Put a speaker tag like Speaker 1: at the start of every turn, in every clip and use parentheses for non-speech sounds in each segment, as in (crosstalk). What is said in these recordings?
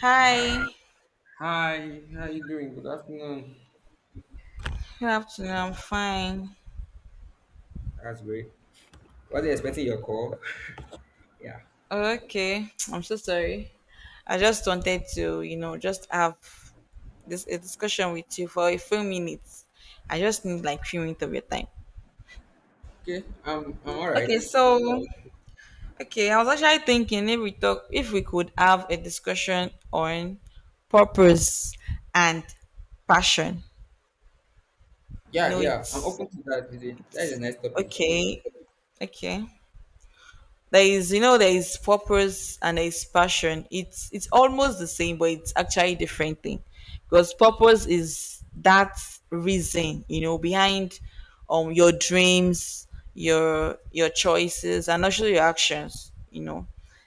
Speaker 1: Hi,
Speaker 2: Hi, how you doing? Good afternoon.
Speaker 1: good afternoon. I'm fine.
Speaker 2: That's great. Wasn't expecting your call. (laughs) Yeah,
Speaker 1: Oh, okay, (tsk) I'm so sorry. I just
Speaker 2: yeah.
Speaker 1: wanted to, just have this a discussion with you for a few minutes. I just need like few minutes of your time.
Speaker 2: Okay, I'm all right.
Speaker 1: Okay, so okay, I was actually thinking if we talk, if we could have a discussion on purpose and passion. You
Speaker 2: Yeah,
Speaker 1: know,
Speaker 2: yeah. I'm open to that. Is it? That
Speaker 1: it's
Speaker 2: is a nice topic.
Speaker 1: okay, okay. There is, there is purpose and there is passion. It's almost the same, but it's actually different thing, because purpose is that reason, behind your dreams, your choices, and also your actions.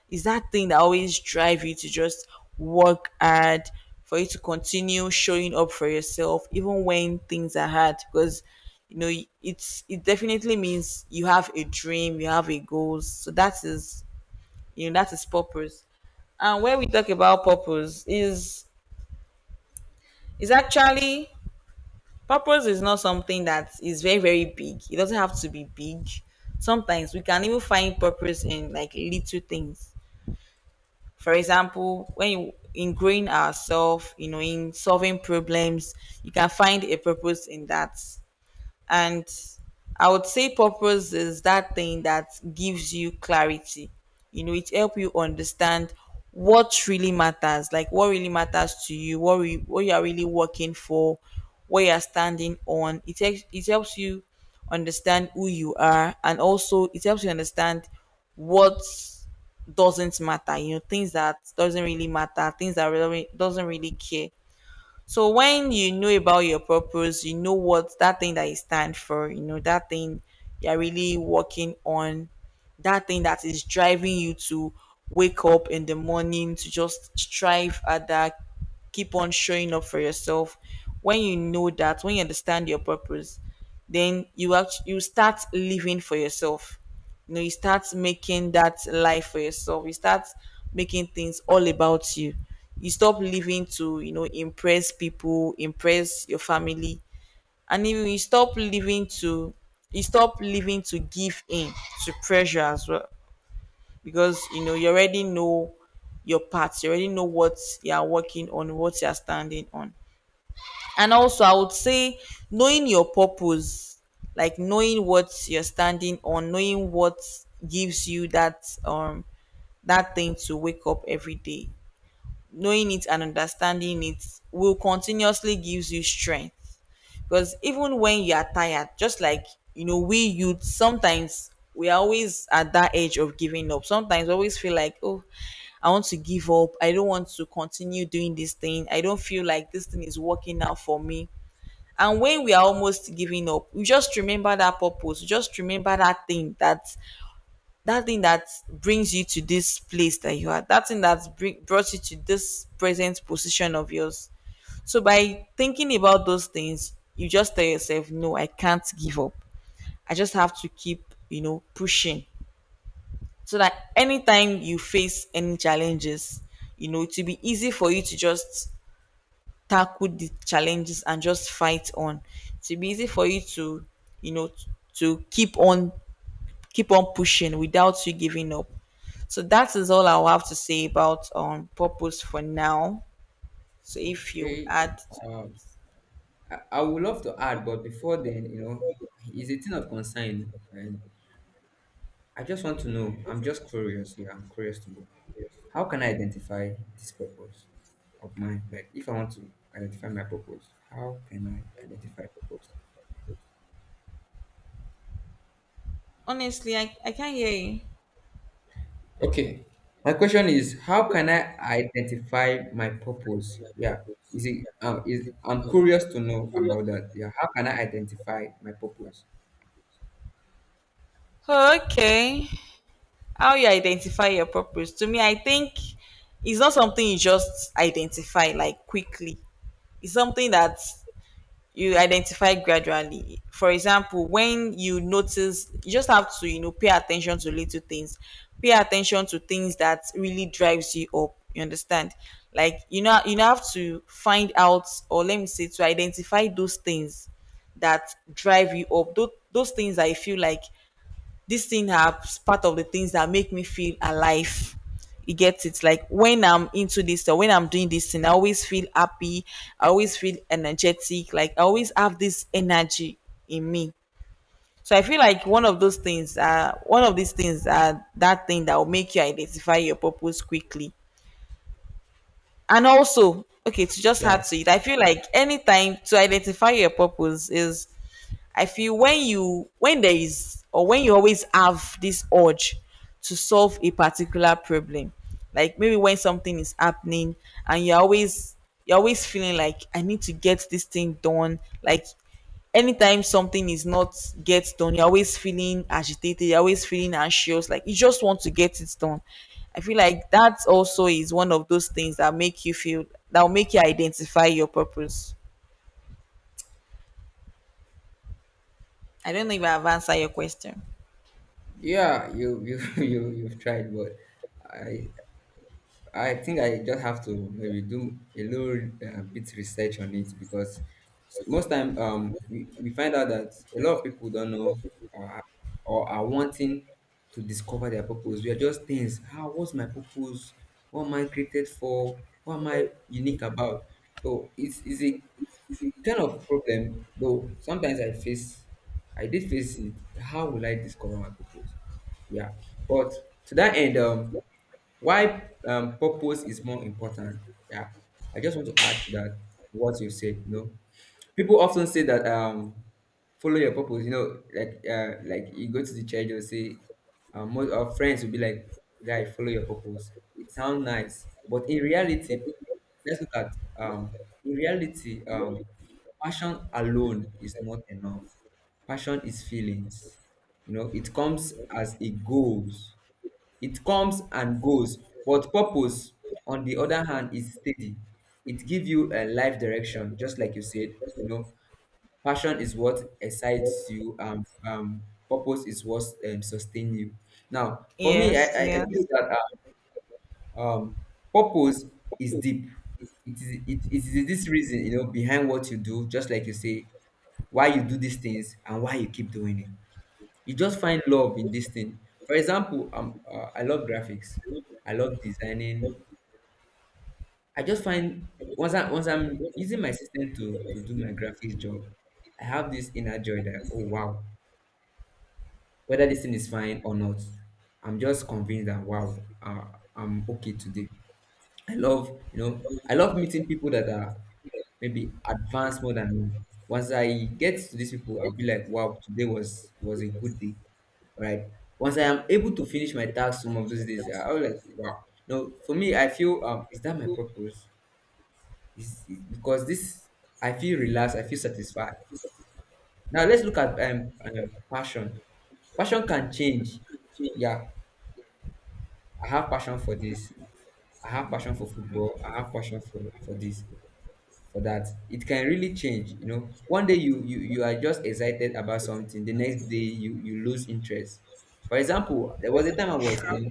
Speaker 1: Is that thing that always drive you to just work hard for you to continue showing up for yourself even when things are hard, because you know it's it definitely means you have a dream, you have a goal. So that is, that is purpose. And when we talk about purpose, is actually purpose is not something that is very very big. It doesn't have to be big. Sometimes we can even find purpose in like little things. For example, when you in growing ourselves, in solving problems, you can find a purpose in that. And I would say purpose is that thing that gives you clarity. You know, it helps you understand what really matters, like what really matters to you, what you are really working for, what you are standing on. It takes it helps you understand who you are, and also it helps you understand what doesn't matter. You know, things that doesn't really matter, things that really doesn't really care. So when you know about your purpose, you know what that thing that you stand for, you know, that thing you're really working on, that thing that is driving you to wake up in the morning to just strive at that, keep on showing up for yourself. When you know that, when you understand your purpose, then you act, you start living for yourself. You know, you start making that life for yourself, you start making things all about you. You stop living to, impress people, impress your family. And if we stop living to you stop living to give in to pressure as well, because you know, you already know your path, you already know what you are working on, what you are standing on. And also I would say, knowing your purpose, like knowing what you're standing on, knowing what gives you that that thing to wake up every day, knowing it and understanding it will continuously gives you strength. Because even when you are tired, just like, you know, we youth sometimes we are always at that age of giving up. Sometimes we always feel like, oh, I want to give up. I don't want to continue doing this thing. I don't feel like this thing is working out for me. And when we are almost giving up, you just remember that purpose. You just remember that thing that thing that brings you to this place that you are. That thing that's brought you to this present position of yours. So by thinking about those things, you just tell yourself, no, I can't give up. I just have to keep, you know, pushing. So that anytime you face any challenges, you know, it will be easy for you to just tackle the challenges and just fight on. It will be easy for you to, you know, to keep on pushing without you giving up. So that is all I'll have to say about purpose for now. So if you would
Speaker 2: Okay.
Speaker 1: add,
Speaker 2: Um, I would love to add, but before then, you know, it's a thing of concern, and I just want to know. I'm just curious. Yeah, I'm curious to know. How can I identify this purpose of mine? Like, if I want to identify my purpose, how can I identify purpose?
Speaker 1: honestly I can't hear you.
Speaker 2: Okay. My question is, how can I identify my purpose? Yeah. Is it is I'm curious to know about that. Yeah. How can I identify my purpose?
Speaker 1: Okay. How you identify your purpose? To me, I think it's not something you just identify like quickly. It's something that you identify gradually. For example, when you notice, you just have to, you know, pay attention to little things. Pay attention to things that really drives you up. You understand? Like you know, you have to find out, or let me say, to identify those things that drive you up. Those things I feel like this thing has part of the things that make me feel alive. You get it, like when I'm into this or when I'm doing this thing, I always feel happy, I always feel energetic, like I always have this energy in me. So I feel like one of those things, one of these things, that thing that will make you identify your purpose quickly. And also, okay, to just
Speaker 2: Yeah.
Speaker 1: add to it, I feel like anytime to identify your purpose is, I feel when you when there is or when you always have this urge to solve a particular problem, like maybe when something is happening and you're always feeling like I need to get this thing done, like anytime something is not gets done, you're always feeling agitated, you're always feeling anxious, like you just want to get it done. I feel like that also is one of those things that make you feel that will make you identify your purpose. I don't know if I have answered your question.
Speaker 2: Yeah, you (laughs) you've tried, but I I think I just have to maybe do a little bit research on it because most time we find out that a lot of people don't know uh, or are wanting to discover their purpose. We are just things. How what's my purpose? What am I created for? What am I unique about? So it's is it kind of problem though? Sometimes I face, I did face it. How will I discover my purpose? Yeah. But to that end, why purpose is more important? Yeah, I just want to add to that what you said. You know, people often say that, follow your purpose, you know, like you go to the church, you'll say, most our friends will be like, guy, follow your purpose. It sounds nice, but in reality, let's look at, um in reality, passion alone is not enough. Passion is feelings. You know, it comes as it goes. It comes and goes. But purpose, on the other hand, is steady. It gives you a life direction, just like you said. You know, passion is what excites you. Purpose is what sustains you. Now, for me, I,
Speaker 1: Yes,
Speaker 2: I, I
Speaker 1: yes.
Speaker 2: feel that um purpose is deep. It is this reason, you know, behind what you do, just like you say, why you do these things and why you keep doing it. You just find love in this thing. For example, I love graphics, I love designing. I just find, once I'm using my system to do my graphics job, I have this inner joy that, oh wow, whether this thing is fine or not, I'm just convinced that, wow, I'm okay today. I love, you know, I love meeting people that are maybe advanced more than me. Once I get to these people, I'll be like, wow, today was a good day, right? Once I am able to finish my task some of those days, I'll be like, wow. No, for me, I feel, is that my purpose? Is because I feel relaxed, I feel satisfied. Now let's look at passion. Passion can change. Yeah, I have passion for this. I have passion for football. I have passion for this, for that. It can really change, you know. One day you are just excited about something, the next day you lose interest. For example, there was a time I was, you
Speaker 1: Sure.
Speaker 2: know,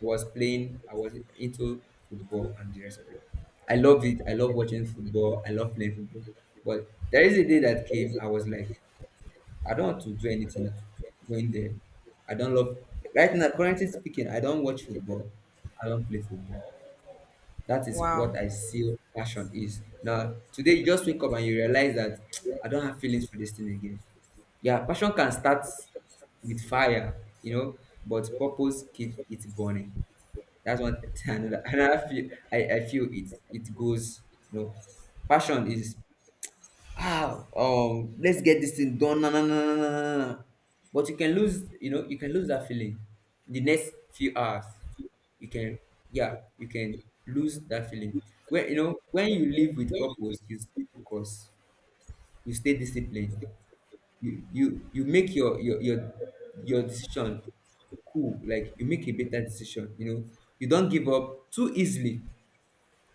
Speaker 2: was playing, I was into football and the rest of it. I love it, I love watching football, I love playing football. But there is a day that came, I was like, I don't want to do anything going there. I don't love, right now currently speaking, I don't watch football, I don't play football. That is what
Speaker 1: Wow.
Speaker 2: I feel passion is. Now, today you just wake up and you realize that, (tsk) I don't have feelings for this thing again. Yeah, passion can start with fire, you know, but purpose keeps it burning. That's one (laughs) another feel I feel it it goes, you know. Passion is, let's get this thing done. No, no, no, no, no, no! na." But you can lose, you know, you can lose that feeling the next few hours. You can, yeah, you can lose that feeling. When you know, when you live with purpose, you stay focused, you stay disciplined. You you make your your decision cool, like you make a better decision, you know. You don't give up too easily,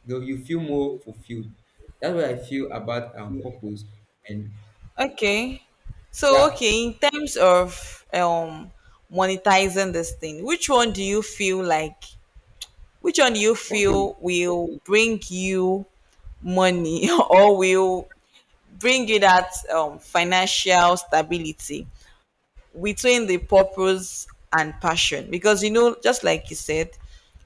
Speaker 2: though you feel more fulfilled. That's what I feel about purpose. And
Speaker 1: Okay. So
Speaker 2: yeah.
Speaker 1: okay, in terms of monetizing this thing, which one do you feel like, which one do you
Speaker 2: Okay,
Speaker 1: feel will bring you money (laughs) or will bring you that financial stability between the purpose and passion? Because you know, just like you said,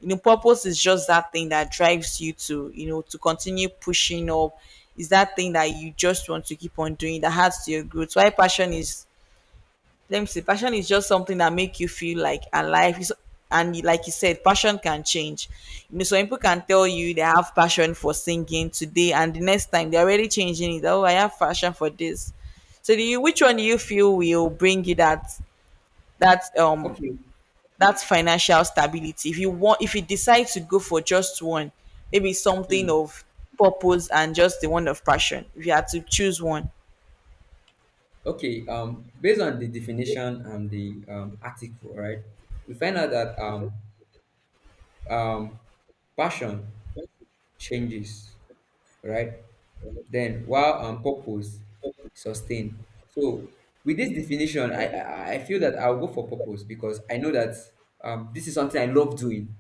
Speaker 1: you know, purpose is just that thing that drives you to, you know, to continue pushing up. Is that thing that you just want to keep on doing that adds to your growth? Why passion is let me see passion is just something that make you feel like alive. Like you said, passion can change, you know. Some people can tell you they have passion for singing today and the next time they're already changing it, oh, I have passion for this. So do you which one do you feel will bring you that um
Speaker 2: okay,
Speaker 1: that financial stability, if you want, if you decide to go for just one, maybe something
Speaker 2: hmm,
Speaker 1: of purpose and just the one of passion, if you had to choose one.
Speaker 2: okay. Based on the definition and the article, right, we find out that um, passion changes, right? Then while purpose is sustained. So with this definition, I feel that I'll go for purpose because I know that, this is something I love doing.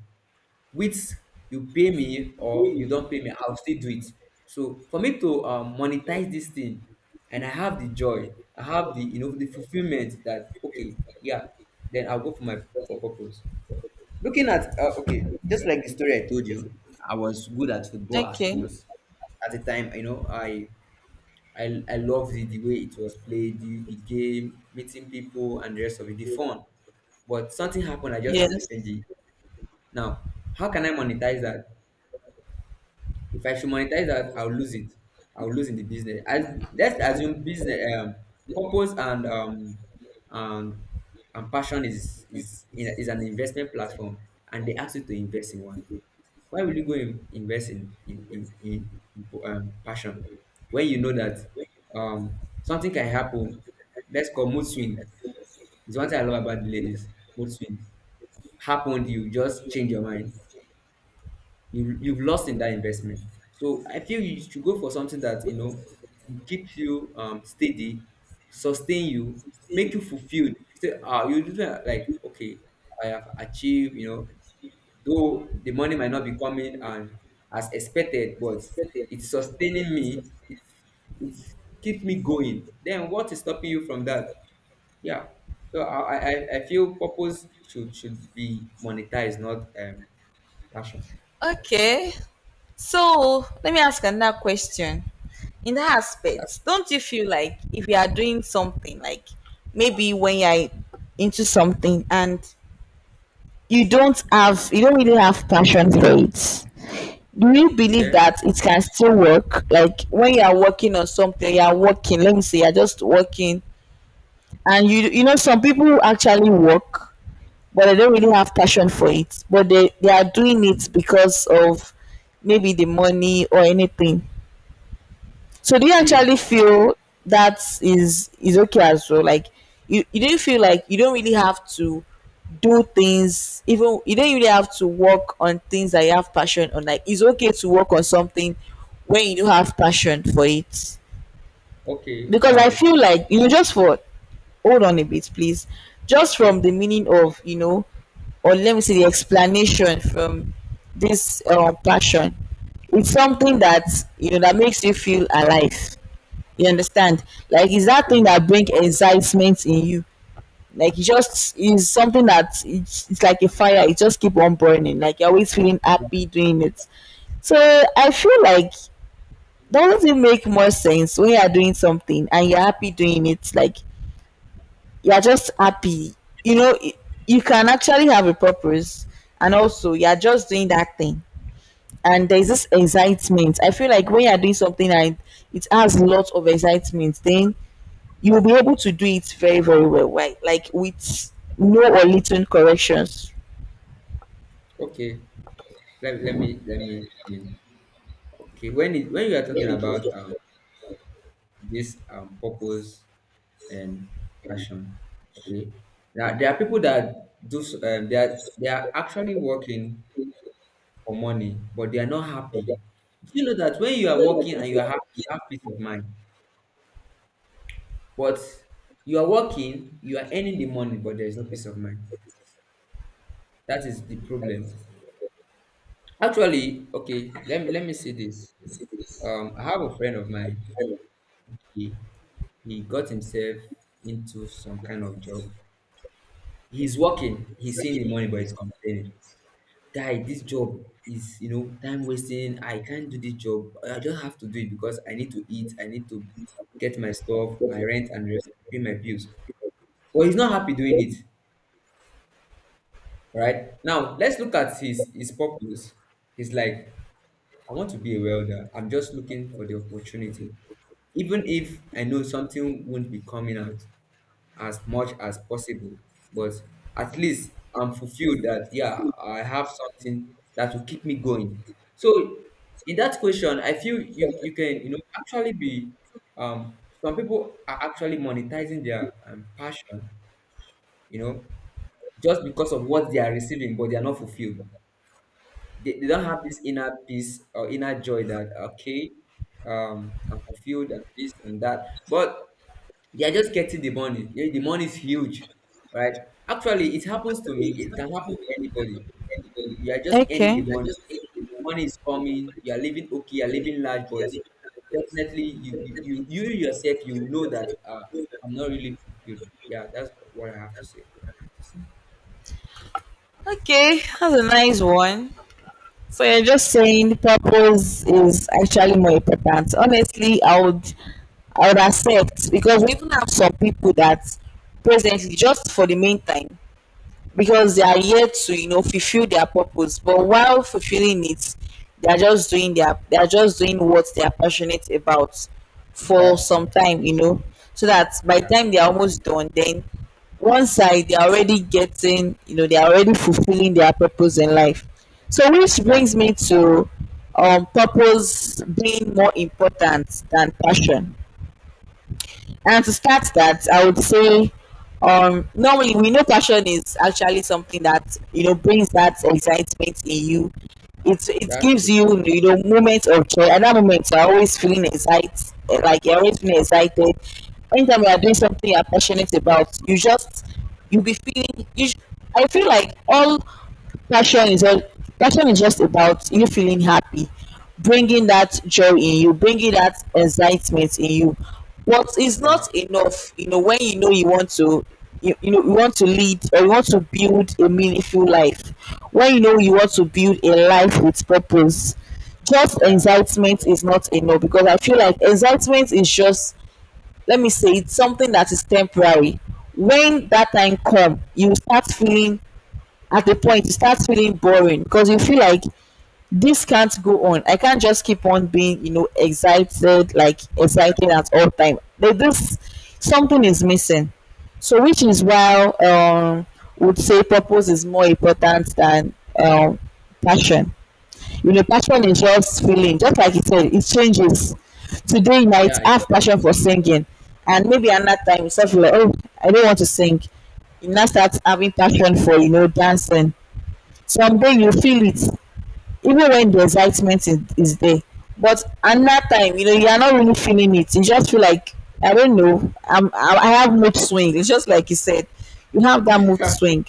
Speaker 2: With, you pay me or you don't pay me, I'll still do it. So for me to monetize this thing and I have the joy, I have the, you know, the fulfillment that, okay, yeah, then I'll go for my, for purpose. Looking at, okay, just like the story I told you, I was good at football at
Speaker 1: Okay,
Speaker 2: once. At the time, you know, I loved the way it was played, the game, meeting people and the rest of it, the fun. But something happened, I just have to
Speaker 1: yes,
Speaker 2: change it. Now, how can I monetize that? If I should monetize that, I'll lose it. I'll lose in the business. As, let's assume business, purpose and and passion is an investment platform, and they ask you to invest in one. Why will you go in, invest in passion when you know that, um something can happen? Let's call mood swing. It's one thing I love about the ladies. Mood swing happened, you just change your mind, you've lost in that investment. So I feel you should go for something that, you know, keeps you steady, sustain you, make you fulfilled. You say, ah, you do like, okay, I have achieved. You know, though the money might not be coming and as expected, but it's sustaining me. It's keeps me going. Then what is stopping you from that? Yeah. So I feel purpose should be monetized, not passion.
Speaker 1: okay. So let me ask another question. In that
Speaker 2: That's
Speaker 1: aspect, don't you feel like if you are doing something, like maybe when you're into something and you don't have, you don't really have passion for it, do you believe
Speaker 2: okay.
Speaker 1: that it can still work? Like when you are working on something, you are working, let me say, you're just working, and you know, some people actually work, but they don't really have passion for it, but they are doing it because of maybe the money or anything. So do you
Speaker 2: See,
Speaker 1: actually feel that is okay as well? Like you do feel like you don't really have to do things even you don't really have to work on things that you have passion on. Like it's okay to work on something when you do have passion for it.
Speaker 2: okay,
Speaker 1: Because I feel like you know just for hold on a bit please. Just
Speaker 2: okay,
Speaker 1: from the meaning of, you know, or let me say the explanation from this passion. It's something that, you know, that makes you feel alive, you understand? Like it's that thing that bring excitement in you. Like it just is something that it's like a fire. It just keep on burning. Like you're always feeling happy doing it. So I feel like doesn't it make more sense when you are doing something and you're happy doing it? Like you're just happy. You know, y- you can actually have a purpose, and also you're just doing that thing. And there's this excitement. I feel like when you're doing something and it has lots of excitement, then you will be able to do it very, very well, right? Like with no or little corrections.
Speaker 2: okay. Let me I mean, okay. When you are talking about this purpose and passion, okay. Now there are people that do they are actually working for money, but they are not happy. Do you know that when you are working and you are happy, you have peace of mind. But you are working, you are earning the money, but there is no peace of mind. That is the problem. Actually, okay. Let me say this. I have a friend of mine. He he got himself into some kind of job. He's working. He's seeing the money, but he's complaining. Guy, this job is, you know, time wasting. I can't do this job. I just have to do it because I need to eat. I need to get my stuff, my rent, and rest, pay my bills. But he's not happy doing it. Right now, let's look at his purpose. He's like, I want to be a welder. I'm just looking for the opportunity, even if I know something won't be coming out, as much as possible. But at least I'm fulfilled that, yeah, I have something that will keep me going. So in that question, I feel you can, you know, actually be um some people are actually monetizing their passion, you know, just because of what they are receiving, but they are not fulfilled. They don't have this inner peace or inner joy that, okay, I'm fulfilled and this and that. But they are just getting the money. The money is huge, right? Actually, it happens to me. It can happen to anybody. You are just earning the
Speaker 1: Okay.
Speaker 2: money. Money is coming. You are living okay. You are living large, but definitely yourself you will know that, I'm not really fulfilled. Yeah, that's what I have to say.
Speaker 1: Okay. That's a nice one. So you're just saying purpose is actually more important. Honestly, I would accept, because we even have some people that presently just for the meantime because they are here to, you know, fulfill their purpose, but while fulfilling it, they are just doing what they are passionate about for
Speaker 2: That's true.
Speaker 1: some time, you know. So that by the
Speaker 2: Yeah,
Speaker 1: time they are almost done, then one side they are already getting, you know, they are already fulfilling their purpose in life. So which
Speaker 2: yeah,
Speaker 1: brings me to purpose being more important than passion. And to start that, I would say, normally we know passion is actually something that, you know, brings that excitement in you. It
Speaker 2: that's
Speaker 1: gives
Speaker 2: true.
Speaker 1: you, you know, moments of joy. At that moment, you're always feeling excited, like you're always feeling excited. Anytime you are doing something you're passionate about, you just you'll be feeling. You, sh- I feel like all passion is just about you feeling happy, bringing that joy in you, bringing that excitement in you. But it's
Speaker 2: Yeah,
Speaker 1: not enough, you know, when you know you want to, you want to lead or you want to build a meaningful life. When you know you want to build a life with purpose, just
Speaker 2: yeah,
Speaker 1: excitement is not enough because I feel like excitement is just, let me say, it's something that is temporary. When that time come, you start feeling. At a point it starts feeling boring because you feel like this can't go on. I can't just keep on being, you know, excited, like excited at all time. There- This Something is missing. So which is why would say purpose is more important than um passion. You know, passion
Speaker 2: yeah,
Speaker 1: is just feeling, just like you said, it changes. Today you might
Speaker 2: yeah,
Speaker 1: have passion for singing, and maybe another time you start feel like, oh, I don't want to sing. You now start having passion for, you know, dancing. Someday you feel it, even when the excitement is there, but another time you know you are not really feeling it. You just feel like, I don't know, I have mood swing. It's just like you said, you have that mood
Speaker 2: (laughs)
Speaker 1: swing.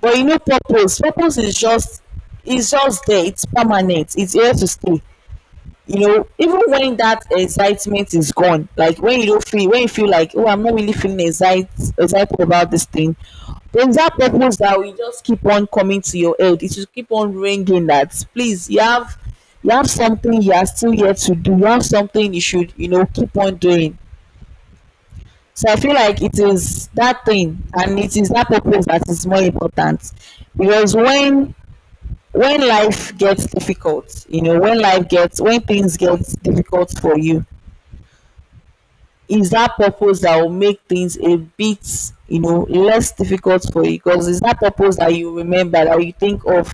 Speaker 1: But you know, purpose is just, it's just there. It's permanent. It's here to stay. You know, even when that excitement is gone, like when you don't feel, when you feel like, oh, I'm not really feeling excited, excited about this thing, there's that
Speaker 2: yeah.
Speaker 1: purpose that we just keep on coming to your aid. It will keep on ringing that, please, you have something you are still yet to do. You have something you should, you know, keep on doing. So I feel like it is that thing, and it is that purpose that is more important, because when life gets difficult, you know, when life gets, when things get difficult for you, is that purpose that will make things a bit, you know, less difficult for you, because it's that purpose that you remember, that you think of,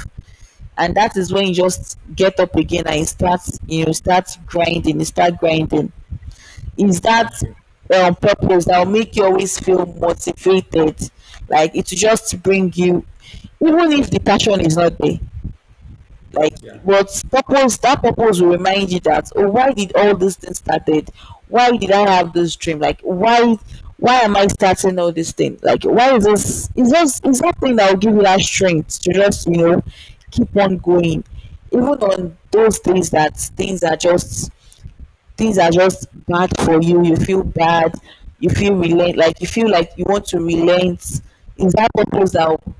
Speaker 1: and that is when you just get up again and you start, you know, start grinding you start grinding Is that
Speaker 2: That's true.
Speaker 1: purpose that will make you always feel motivated, like it will just bring you, even if the passion is not there, like,
Speaker 2: Yeah,
Speaker 1: but purpose that purpose will remind you that, oh, why did all these things started, why did I have this dream, like why am I starting all this thing, like why is this, is just is that thing that will give you that strength to just, you know, keep on going. Even on those things that things are just, things are just bad for you, you feel bad, you feel relent, like you feel like you want to relent, is that purpose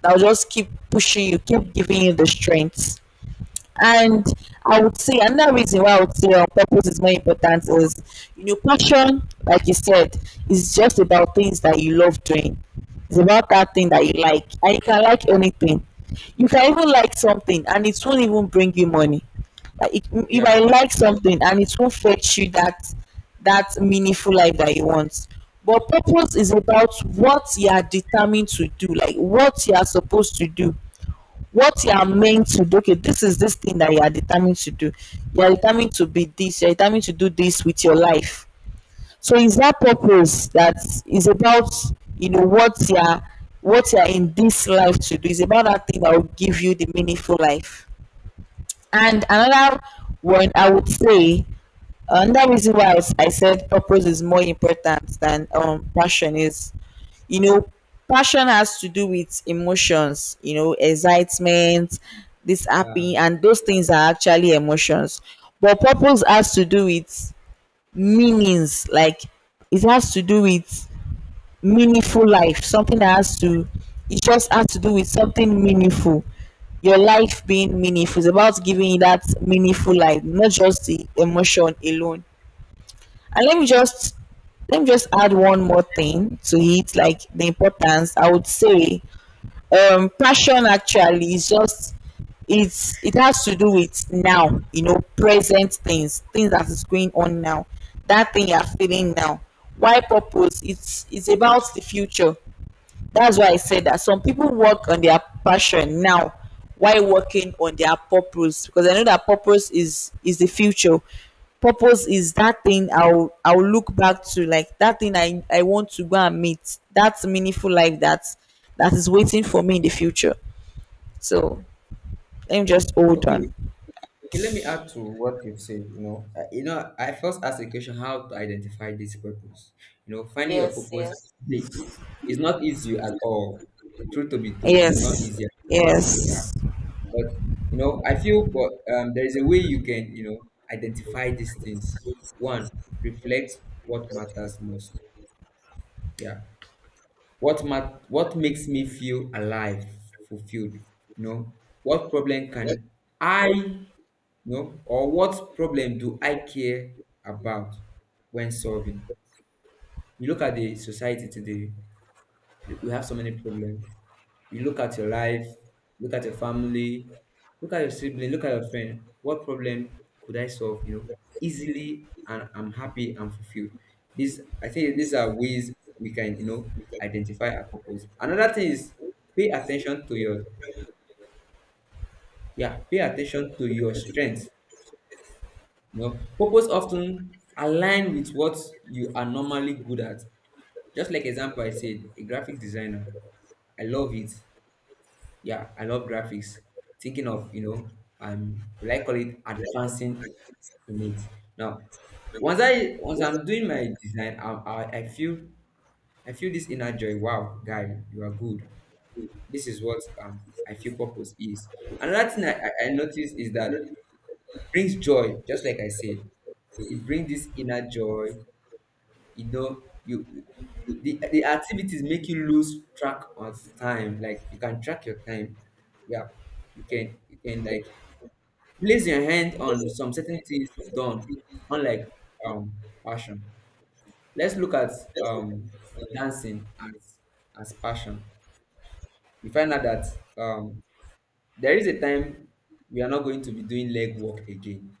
Speaker 1: that will just keep pushing you, keep giving you the strength. And I would say another reason why I would say purpose is more important is, you know, passion, like you said, is just about things that you love doing. It's about that thing that you like. And you can like anything. You can even like something and it won't even bring you money. Like it, you
Speaker 2: yeah,
Speaker 1: might like something and it won't fetch you that that meaningful life that you want. But purpose is about what you are determined to do, like what you are supposed to do, what you are meant to do. Okay, this is this thing that you are determined to do, you are determined to be this, you are determined to do this with your life. So it's that purpose that is about, you know, what you are, what you are in this life to do, is about that thing that will give you the meaningful life. And another one I would say, another reason why I said purpose is more important than passion is, you know, passion has to do with emotions, you know, excitement, this
Speaker 2: yeah.
Speaker 1: happy, and those things are actually emotions. But purpose has to do with meanings, like it has to do with meaningful life, something that has to, it just has to do with something meaningful. Your life being meaningful is about giving you that meaningful life, not just the emotion alone. And let me just, let me just add one more thing to it, like the importance. I would say, passion actually is just, it has to do with now, you know, present things, things that is going on now, that thing you are feeling now. Why purpose? It's about the future. That's why I said that some people work on their passion now while working on their purpose, because I know that purpose is the future. Purpose is that thing I'll look back to, like that thing I want to go and meet. That's meaningful life that that is waiting for me in the future. So let me just hold
Speaker 2: Okay.
Speaker 1: on.
Speaker 2: Okay, let me add to what you've said. You know, I first asked the question how to identify this purpose. You know, finding your
Speaker 1: Yes,
Speaker 2: purpose
Speaker 1: yes.
Speaker 2: i- is not easy at all. Truth to be told, is not
Speaker 1: Yes.
Speaker 2: easy. Yeah,
Speaker 1: Yes.
Speaker 2: but you know, I feel, but there is a way you can, you know, identify these things. One, reflect what matters most. Yeah, what makes me feel alive, fulfilled. You know, what problem can I or what problem do I care about when solving? You look at the society today, we have so many problems. You look at your life, look at your family, look at your sibling, look at your friend. What problem could I solve? You know, easily, and I'm happy and fulfilled. This I think, these are ways we can, you know, identify our purpose. Another thing is pay attention to your, yeah, pay attention to your strengths. You know, purpose often align with what you are normally good at. Just like example, I said, a graphic designer, I love it. Yeah, I love graphics. Thinking of, you know, will I call it advancing in it. Now, once I'm doing my design, I feel this inner joy. Wow, guy, you are good. This is what I feel purpose is. Another thing I noticed is that it brings joy, just like I said. It brings this inner joy, you know you the activities make you lose track of time, like you can track your time. Yeah, you can like place your hand on some certain things done, unlike um passion. Let's look at um dancing as passion. You find out that um there is a time we are not going to be doing leg work again.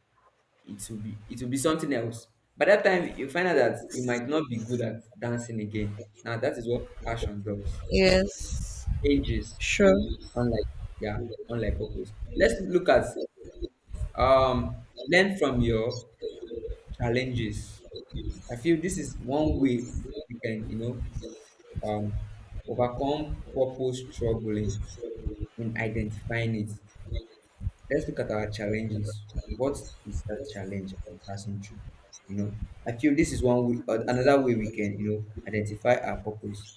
Speaker 2: It will be it will be something else. By that time, you find out that you might not be good at dancing again. Now that is what passion does.
Speaker 1: Yes.
Speaker 2: Changes,
Speaker 1: Sure.
Speaker 2: unlike, yeah, unlike purpose. Let's look at learn from your challenges. I feel this is one way we can, you know, overcome purpose struggling in identifying it. Let's look at our challenges. What is that challenge I'm passing through? You know, I feel this is one way, another way we can, you know, identify our purpose.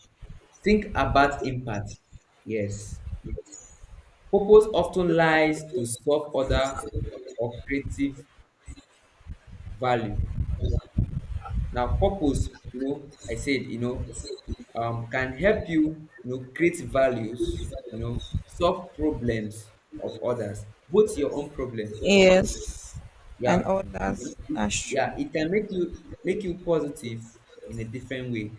Speaker 2: Think about impact. Yes, purpose often lies to solve other or creative value. Now, purpose, you know, I said, you know, can help you, you know, create values, you know, solve problems of others, both your own problem.
Speaker 1: Yes.
Speaker 2: Yeah,
Speaker 1: And all that.
Speaker 2: it, it, it,
Speaker 1: That's true.
Speaker 2: yeah, it can make you positive in a different way.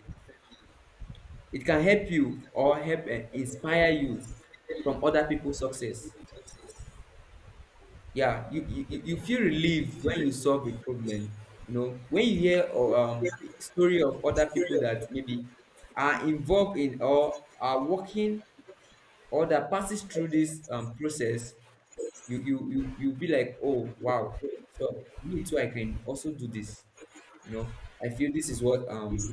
Speaker 2: It can help you or help and inspire you from other people's success. Yeah, you feel relief when you solve a problem. You know, when you hear or story of other people that maybe are involved in or are working or that passes through this process, you'll be like, oh wow. So me too, I can also do this. You know, I feel this is what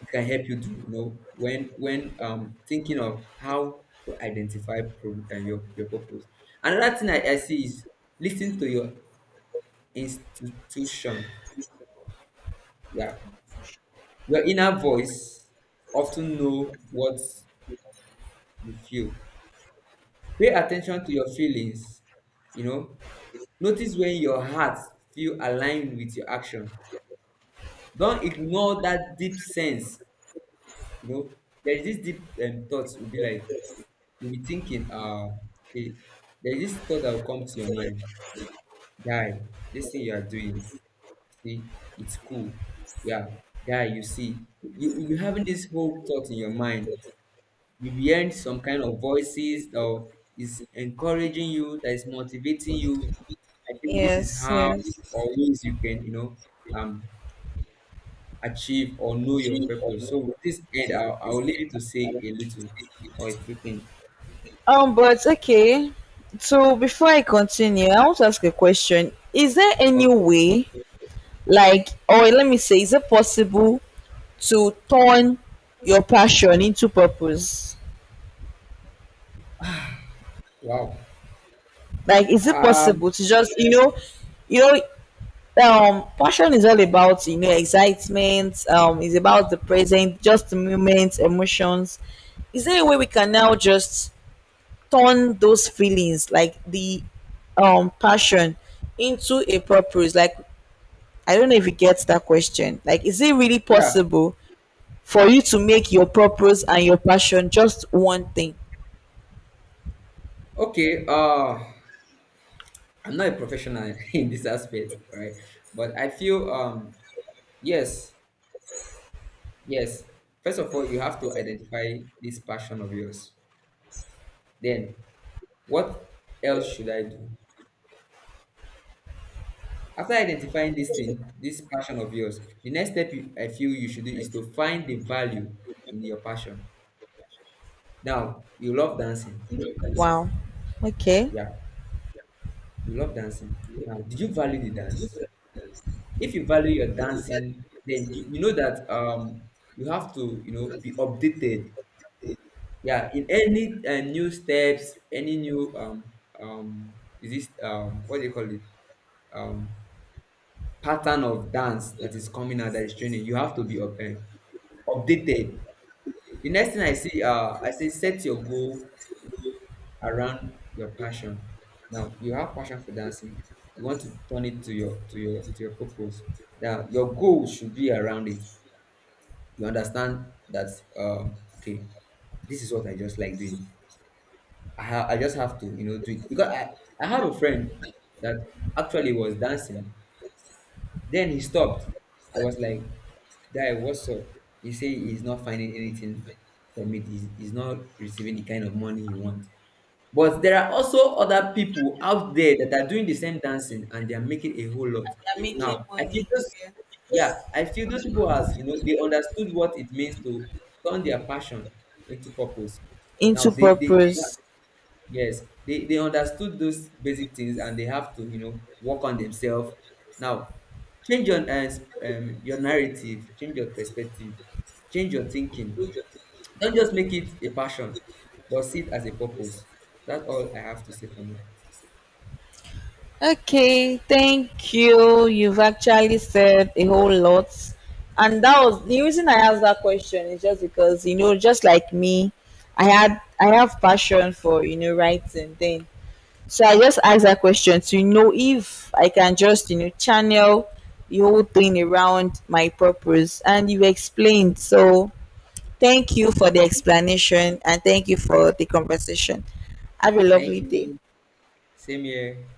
Speaker 2: it can help you do. You know, when thinking of how to identify your purpose. Another thing I see is listen to your institution. Yeah, your inner voice often know what you feel. Pay attention to your feelings. You know, notice when your heart feel aligned with your action. Don't ignore that deep sense. You know, there's this deep thoughts will be like you'll be thinking, okay, there's this thought that will come to your mind, guy. This thing you are doing, see, it's cool. Yeah, guy, you see, you will be having this whole thought in your mind. You'll be hearing some kind of voices that is encouraging you, that is motivating you. I think this is
Speaker 1: Yes.
Speaker 2: how
Speaker 1: Yes.
Speaker 2: or ways you can, you know, um, achieve, or know your purpose. So, with this end, I'll leave you to say a little or a few things.
Speaker 1: But okay. So before I continue, I want to ask a question. Is there any
Speaker 2: Okay.
Speaker 1: way, like, or let me say, is it possible to turn your passion into purpose?
Speaker 2: Wow.
Speaker 1: Like, is it
Speaker 2: Um,
Speaker 1: possible to just, you know, passion is all about, you know, excitement. Is about the present, just the moment, emotions. Is there a way we can now just turn those feelings like the passion into a purpose, like I don't know if you get that question, like is it really
Speaker 2: yeah.
Speaker 1: possible for you to make your purpose and your passion just one thing.
Speaker 2: Okay. I'm not a professional (laughs) in this aspect, right? But I feel, yes, yes. First of all, you have to identify this passion of yours. Then, what else should I do? After identifying this thing, this passion of yours, the next step you, I feel you should do is to find the value in your passion. Now, you love dancing.
Speaker 1: Wow. Okay.
Speaker 2: Yeah, you love dancing. Now, did you value the dance? If you value your dancing, then you know that you have to, you know, be updated. Yeah, in any new steps, any new um is this what do you call it, um pattern of dance that is coming out that is training, you have to be updated. The next thing I see, I say set your goal around your passion. Now you have passion for dancing. You want to turn it to your to your to your purpose. Now your goal should be around it. You understand that okay, this is what I just like doing. I just have to, you know, do it, because I have a friend that actually was dancing. Then he stopped. I was like, guy, what's up? He said he's not finding anything from it. He's not receiving the kind of money he wants. But there are also other people out there that are doing the same dancing and they are making a whole lot.
Speaker 1: I'm making
Speaker 2: Now, I feel
Speaker 1: money.
Speaker 2: those,
Speaker 1: Yeah.
Speaker 2: yeah, I feel those people, as you know, they understood what it means to turn their passion into purpose.
Speaker 1: Into
Speaker 2: Now, they
Speaker 1: purpose.
Speaker 2: yes, they understood those basic things and they have to, you know, work on themselves. Now, change your narrative, change your perspective, change your thinking. Don't just make it a passion, but see it as a purpose. That's all I have to say for now.
Speaker 1: Okay, thank you. You've actually said a whole lot. And that was the reason I asked that question is just because, you know, just like me, I have passion for, you know, writing then. So I just asked that question to know if I can just, you know, channel the whole thing around my purpose. And you explained. So thank you for the explanation and thank you for the conversation. Have a
Speaker 2: Thank
Speaker 1: lovely day.
Speaker 2: you. Same here.